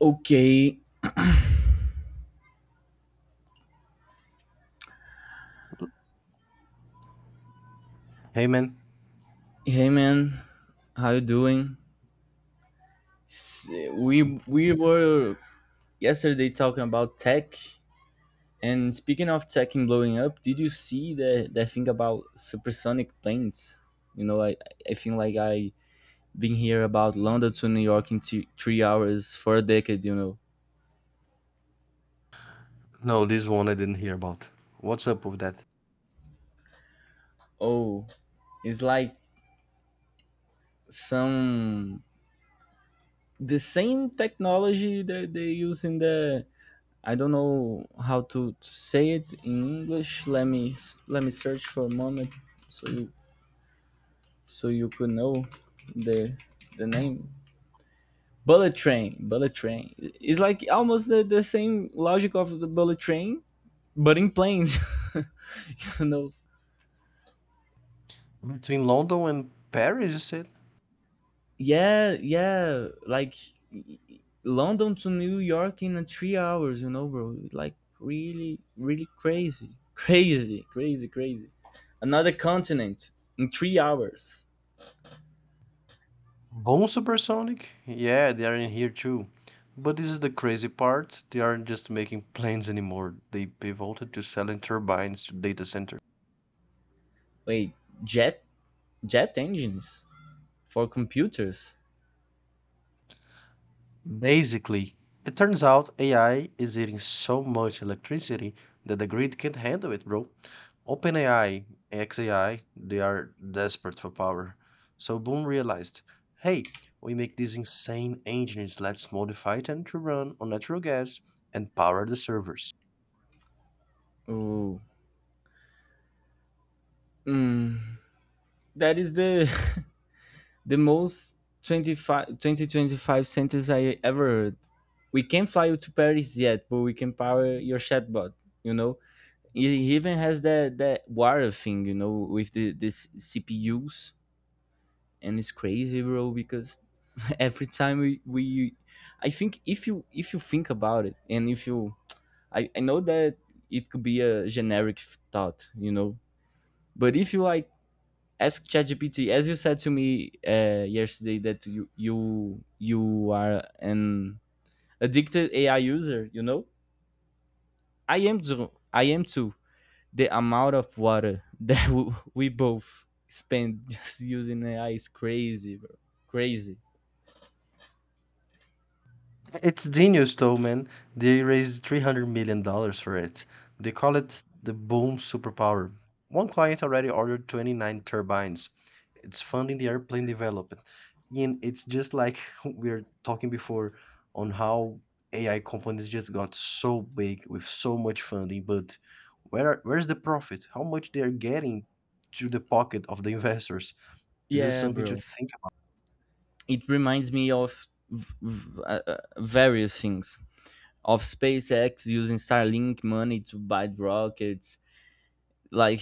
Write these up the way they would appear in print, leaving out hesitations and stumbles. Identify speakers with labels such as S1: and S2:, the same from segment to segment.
S1: Okay,
S2: Hey, man.
S1: hey man, how you doing? We were yesterday talking about tech, and speaking of tech and blowing up, did you see the that thing about supersonic planes? You know, I I think I been here about London to New York in two, three hours for a decade. You know,
S2: No, this one I didn't hear about. What's up with that?
S1: oh, it's like some the same technology that they use in the I don't know how to say it in English. Let me search for a moment so you so you could know the the name. Bullet train, bullet train. It's like almost the same logic of the bullet train, but in planes. you know,
S2: Between London and Paris, you said?
S1: yeah, yeah, like London to New York in 3 hours, you know, bro. Like really, really crazy, crazy, crazy, crazy. Another continent in 3 hours.
S2: Bone Supersonic? Yeah, they are in here too. But this is the crazy part. They aren't just making planes anymore. They pivoted to selling turbines to data centers.
S1: Wait, jet, jet engines for computers.
S2: Basically, it turns out AI is eating so much electricity that the grid can't handle it, bro. OpenAI, XAI, they are desperate for power. So Boom realized, hey, we make these insane engines, let's modify them to run on natural gas and power the servers.
S1: Oh, that is the the most twenty twenty five 2025 sentence I ever heard. We can't fly you to Paris yet, but we can power your chatbot. You know, it even has that water thing, you know, with the this CPUs, and it's crazy, bro. Because every time I think if you think about it, and if you, I know that it could be a generic thought, you know, but if you like ask ChatGPT, as you said to me yesterday, that you are an addicted AI user, you know, I am too. I am too. The amount of water that we both spend just using AI is crazy, bro. Crazy.
S2: It's genius though, man. They raised $300 million dollars for it. They call it the boom superpower. One client already ordered 29 turbines. It's funding the airplane development. And it's just like we were talking before on how AI companies just got so big with so much funding, but where's the profit? How much they're getting to the pocket of the investors? This is
S1: Yeah,
S2: something to
S1: bro.
S2: think about.
S1: It reminds me of various things of SpaceX using Starlink money to buy rockets, like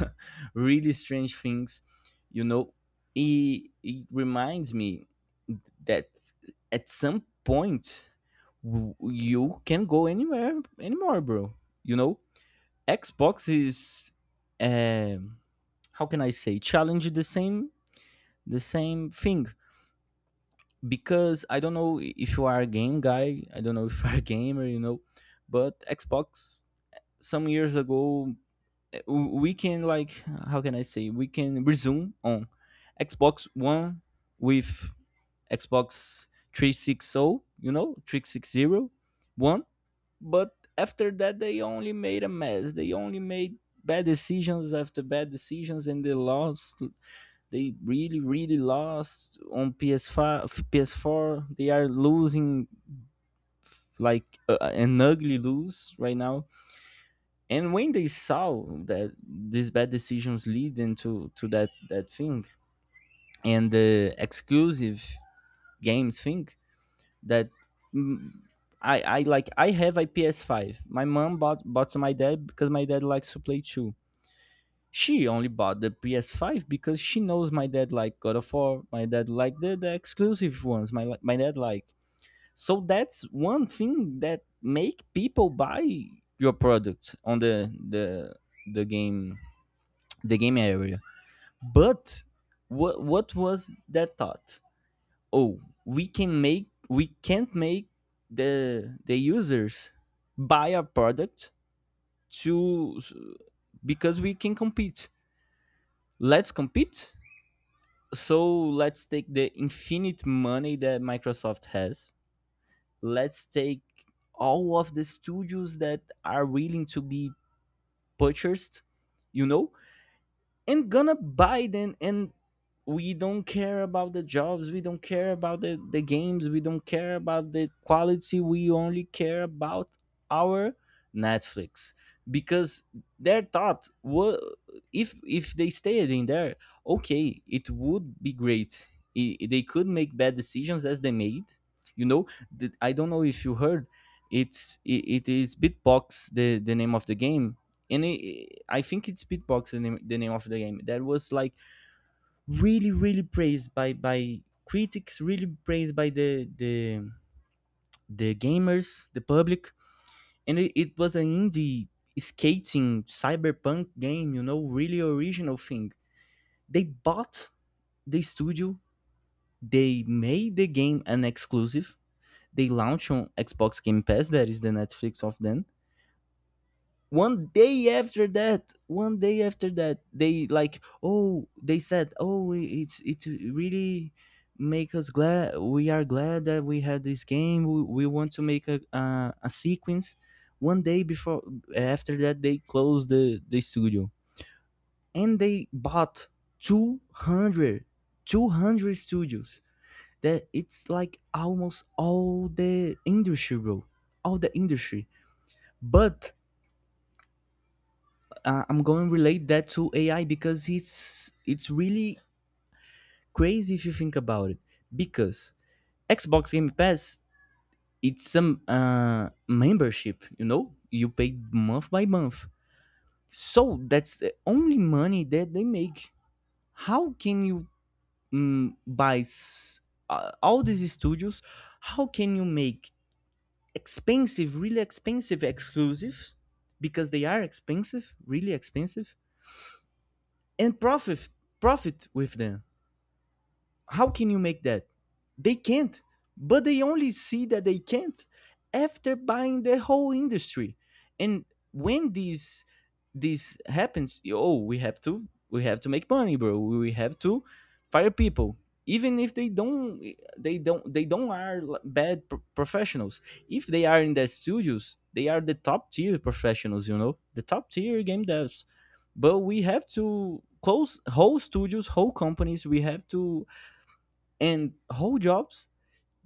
S1: really strange things. You know, it reminds me that at some point you can go anywhere anymore, bro. You know, Xbox is uh, how can I say challenge the same thing because I don't know if you are a game guy. I don't know if you are a gamer, you know, but Xbox some years ago, we can like how can I say we can resume on Xbox One with Xbox 360, you know, 360. But after that, they only made a mess. They only made bad decisions after bad decisions, and they lost. They really, really lost on PS5, PS4. They are losing like an ugly lose right now. And when they saw that these bad decisions lead into to that thing and the exclusive games thing, that mm, I have a PS5. My mom bought to my dad because my dad likes to play too. She only bought the PS5 because she knows my dad like God of War. My dad like the exclusive ones. My dad like. So that's one thing that make people buy your product on the game the game area. But what was their thought? Oh, we can't make the users buy a product to, because we can compete. Let's compete, so let's take the infinite money that Microsoft has. Let's take all of the studios that are willing to be purchased, you know, and gonna Biden, and we don't care about the jobs, we don't care about the games, we don't care about the quality, we only care about our Netflix. Because their thought was, if they stayed in there, okay, it would be great. They could make bad decisions as they made. You know, I don't know if you heard, it's it is Bitbox the name of the game, and it, I think it's Beatbox the name of the game that was like really really praised by critics, really praised by the gamers, the public, and it was an indie skating cyberpunk game, you know, really original thing. They bought the studio, they made the game an exclusive. They launched on Xbox Game Pass, that is the Netflix of then. One day after that they like, oh, they said, oh, it really make us glad. We are glad that we had this game. We want to make a sequence. One day before after that they closed the studio, and they bought 200 200 studios. That it's like almost all the industry, bro, all the industry. But I'm going to relate that to AI because it's really crazy if you think about it. Because Xbox Game Pass, it's some membership, you know, you pay month by month. So that's the only money that they make. How can you mm, buy s- all these studios? How can you make expensive, really expensive exclusives? Because they are expensive, really expensive, and profit with them, how can you make that? They can't. But they only see that they can't after buying the whole industry. And when this happens, oh, we have to make money, bro. We have to fire people, even if they don't they don't are bad professionals. If they are in the studios, they are the top tier professionals. You know, the top tier game devs. But we have to close whole studios, whole companies, we have to, and whole jobs,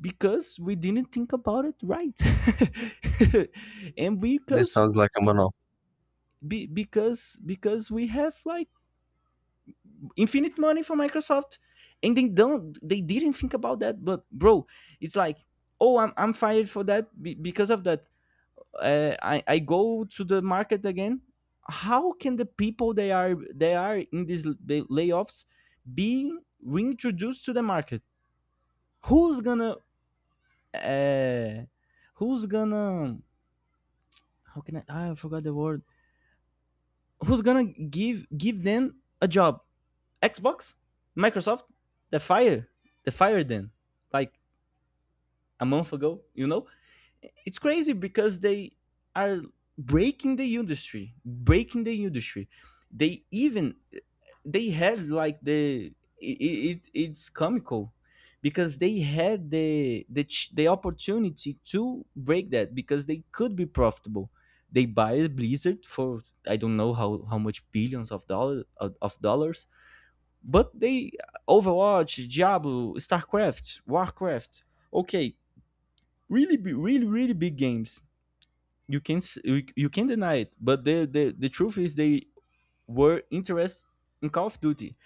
S1: because we didn't think about it right, and
S2: This
S1: because
S2: sounds like a monopoly.
S1: because we have like infinite money from Microsoft, and they don't they didn't think about that. But bro, it's like, oh, I'm fired for that, because of that, I go to the market again. How can the people, they are in these, the layoffs, being reintroduced to the market, who's gonna uh, who's gonna how can I, ah, I forgot the word, who's gonna give them a job? Xbox, Microsoft, the fire the fire then, like, a month ago, you know. It's crazy because they are breaking the industry, breaking the industry. They even, they had like the, it's comical because they had the the opportunity to break that because they could be profitable. They buy Blizzard for, I don't know how much billions of dollars, of dollars. But they, Overwatch, Diablo, StarCraft, Warcraft, okay, really really big games. You can you, you can deny it but the truth is they were interested in Call of Duty.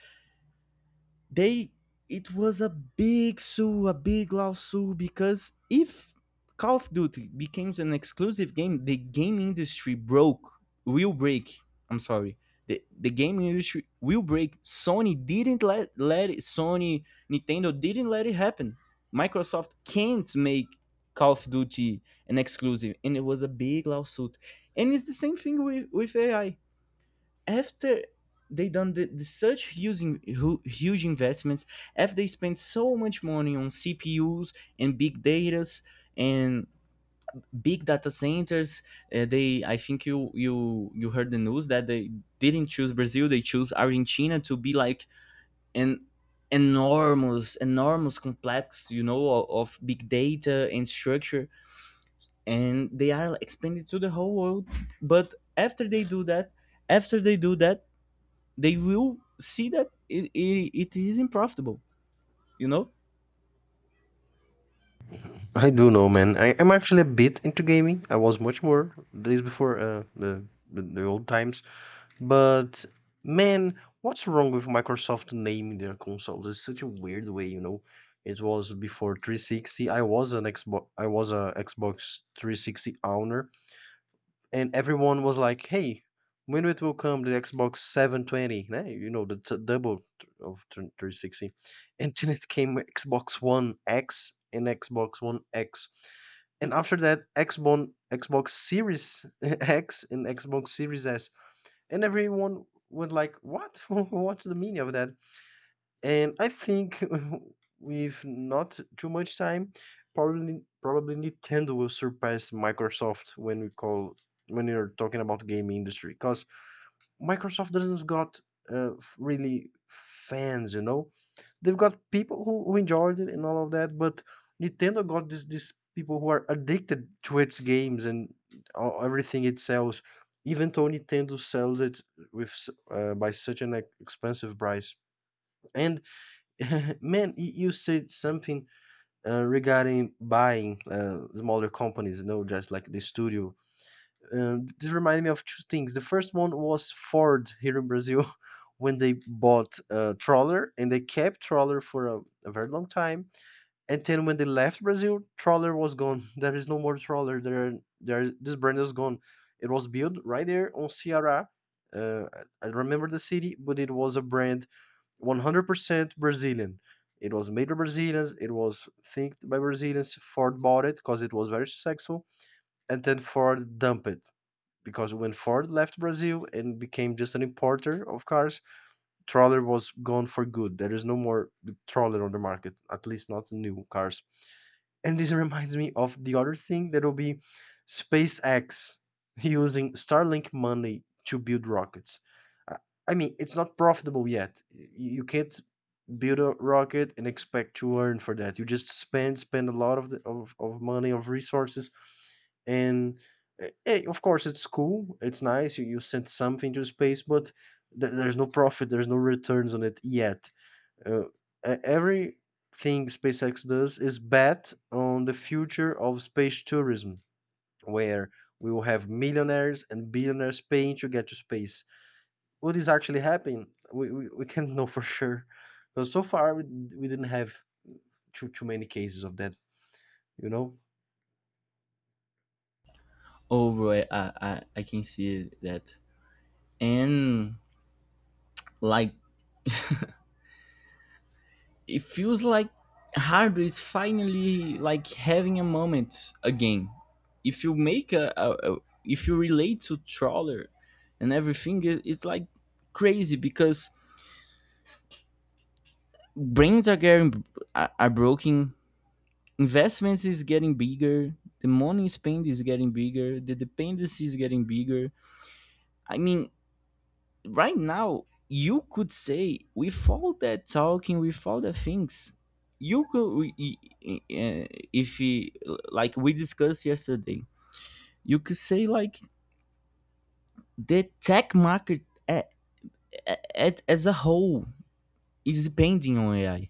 S1: They, it was a big sue, a big lawsuit because if Call of Duty becomes an exclusive game, the game industry broke, will break, I'm sorry, the game industry will break. Sony didn't let it. Sony, Nintendo didn't let it happen. Microsoft can't make Call of Duty an exclusive, and it was a big lawsuit. And it's the same thing with AI. After they done the such huge, huge investments, after they spent so much money on CPUs and big datas and big data centers, they, I think you heard the news that they didn't choose Brazil, they choose Argentina to be like an enormous, enormous complex, you know, of big data and structure, and they are expanded to the whole world. But after they do that, after they do that, they will see that it isn't profitable, you know?
S2: I do know, man. I'm actually a bit into gaming. I was much more days before the old times. But man, what's wrong with Microsoft naming their console? It's such a weird way, you know. It was before 360. I was an Xbox. I was a Xbox 360 owner, and everyone was like, "Hey, when it will come the Xbox 720? Né? You know, the of 360." And then it came Xbox One X and Xbox One X and after that, Xbox Series X and Xbox Series S. And everyone was like, what? What's the meaning of that? And I think with not too much time, probably Nintendo will surpass Microsoft when we call when you're talking about game industry. Because Microsoft doesn't got really fans, you know. They've got people who enjoyed it and all of that, but Nintendo got this these people who are addicted to its games and everything it sells. Even though Nintendo sells it with by such an expensive price, and man, you said something regarding buying smaller companies, you know, just like the studio and this reminded me of two things. The first one was Ford here in Brazil when they bought Trawler and they kept Trawler for a very long time. And then when they left Brazil, Trawler was gone. There is no more Trawler. This brand is gone. It was built right there on Ceará. Uh, I remember the city, but it was a brand 100% Brazilian. It was made by Brazilians. It was think by Brazilians. Ford bought it because it was very successful, and then Ford dumped it because when Ford left Brazil and became just an importer of cars, Troller was gone for good. There is no more Troller on the market, at least not new cars. And this reminds me of the other thing that will be SpaceX using Starlink money to build rockets. Uh, I mean, it's not profitable yet. You can't build a rocket and expect to earn for that. You just spend a lot of of money of resources and of course it's cool, it's nice, you sent something to space, but there's no profit, there's no returns on it yet. uh, Everything SpaceX does is bet on the future of space tourism, where we will have millionaires and billionaires paying to get to space. What is actually happening? We can't know for sure. Because so far we didn't have too many cases of that, you know?
S1: Oh, bro, I can see that. And, like, it feels like hardware is finally, like, having a moment again. If you make a, if you relate to Trawler and everything, it's like crazy because brains are getting, are broken, investments is getting bigger, the money spent is getting bigger, the dependency is getting bigger. I mean, right now, you could say with all that talking, with all the things, you could y- uh, if he, like we discussed yesterday, you could say like the tech market, a- at, as a whole, is depending on AI.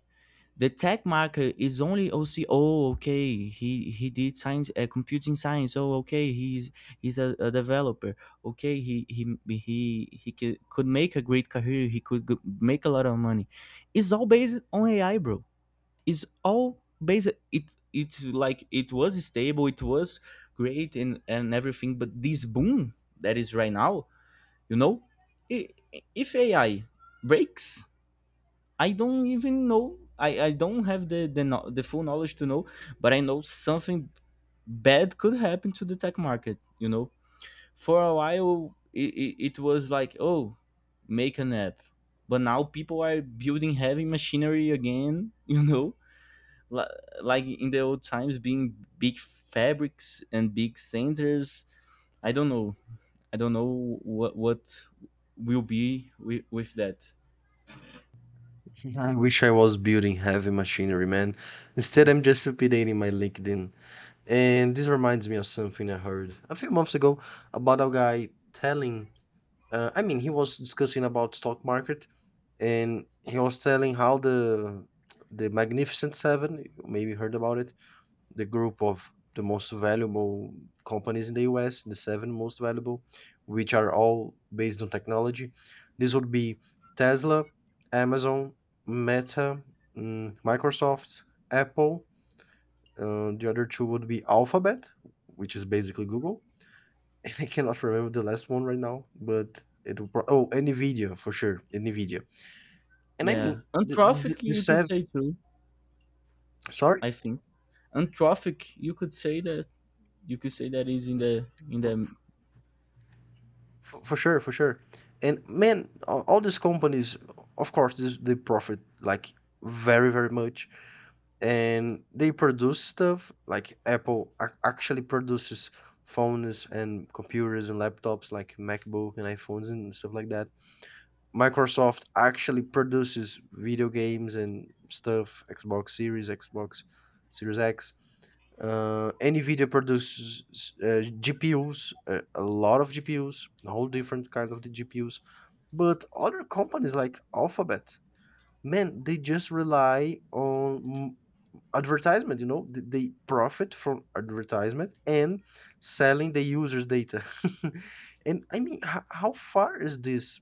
S1: The tech market is only OC. Oh, okay. He did science, computing science. Oh, okay. He's a developer. Okay, he he could make a great career. He could make a lot of money. It's all based on AI, bro. It's all based. It's like it was stable. It was great and everything. But this boom that is right now, you know, I if AI breaks, I don't even know. I don't have the, no, the full knowledge to know, but I know something bad could happen to the tech market. You know, for a while it was like, oh, make an app, but now people are building heavy machinery again. You know, Li- like in the old times, being big fabrics and big centers. I don't know. I don't know what will be with that.
S2: I wish I was building heavy machinery, man. Instead, I'm just updating my LinkedIn. And this reminds me of something I heard a few months ago about a guy telling, I mean, he was discussing about stock market, and he was telling how the Magnificent Seven, you maybe heard about it, the group of the most valuable companies in the US, the seven most valuable, which are all based on technology. This would be Tesla, Amazon, Meta, Microsoft, Apple. The other two would be Alphabet, which is basically Google. And I cannot remember the last one right now, but it will. Oh, and Nvidia for sure, and Nvidia. And I
S1: Yeah,
S2: mean
S1: and traffic
S2: the
S1: you could
S2: seven.
S1: say too.
S2: Sorry.
S1: I think. Anthropic. You could say that, you could say that is in the.
S2: For sure, for sure. And man, all these companies, of course, this, they profit like very much. And they produce stuff like Apple actually produces phones and computers and laptops like MacBook and iPhones and stuff like that. Microsoft actually produces video games and stuff, Xbox Series X. NVIDIA produces GPUs, a lot of GPUs, a whole different kind of the GPUs. But other companies like Alphabet, man, they just rely on advertisement. You know, they profit from advertisement and selling the users' data. And I mean, how far is this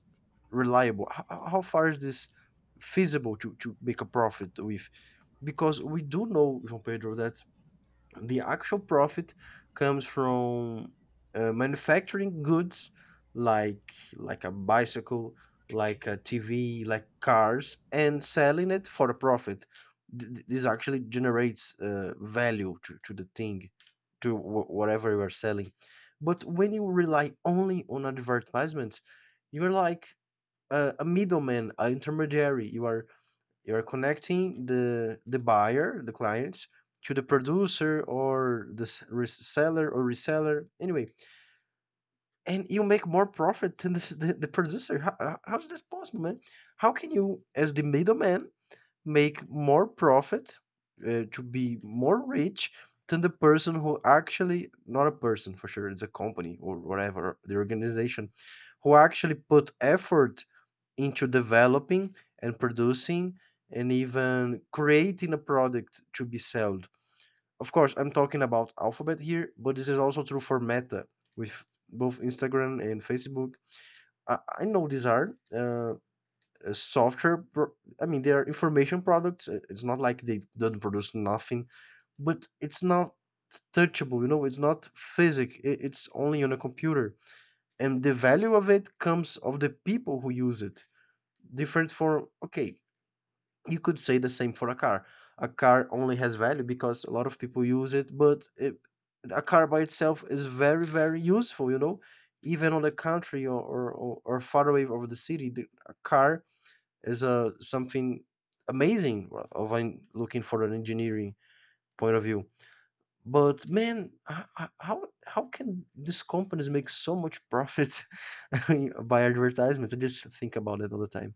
S2: reliable? How far is this feasible to make a profit with? Because we do know, João Pedro, that the actual profit comes from manufacturing goods like a bicycle, like a TV, like cars, and selling it for a profit. This actually generates value to the thing, to whatever you are selling. But when you rely only on advertisements, you're like a middleman, an intermediary. You are connecting the buyer, the client, to the producer or the reseller or reseller. Anyway, and you make more profit than this, the producer. How is this possible, man? How can you, as the middleman, make more profit, to be more rich than the person who actually, not a person for sure, it's a company or whatever, the organization, who actually put effort into developing and producing and even creating a product to be sold. Of course, I'm talking about Alphabet here, but this is also true for Meta with both Instagram and Facebook. I know these are. Software I mean, they are information products. It's not like they don't produce nothing, but it's not touchable, you know, it's not physic, it's only on a computer, and the value of it comes of the people who use it different for, okay, you could say the same for a car. A car only has value because a lot of people use it, a car by itself is very useful, you know, even on the country or or far away over the city, a car is something amazing, looking for an engineering point of view. But man, how can these companies make so much profit by advertisement? I just think about it all the time.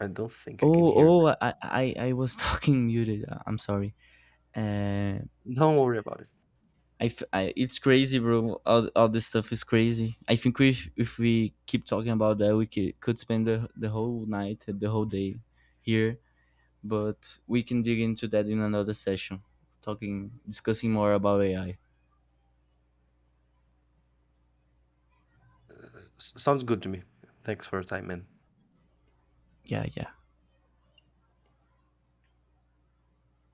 S2: I don't think I can hear it.
S1: Oh, I was talking muted. I'm sorry. Uh,
S2: Don't worry about it.
S1: it's crazy, bro. All this stuff is crazy. I think we, if we keep talking about that, we could spend the whole night, the whole day here. But we can dig into that in another session, talking, discussing more about AI.
S2: Sounds good to me. Thanks for your time, man.
S1: Yeah, yeah.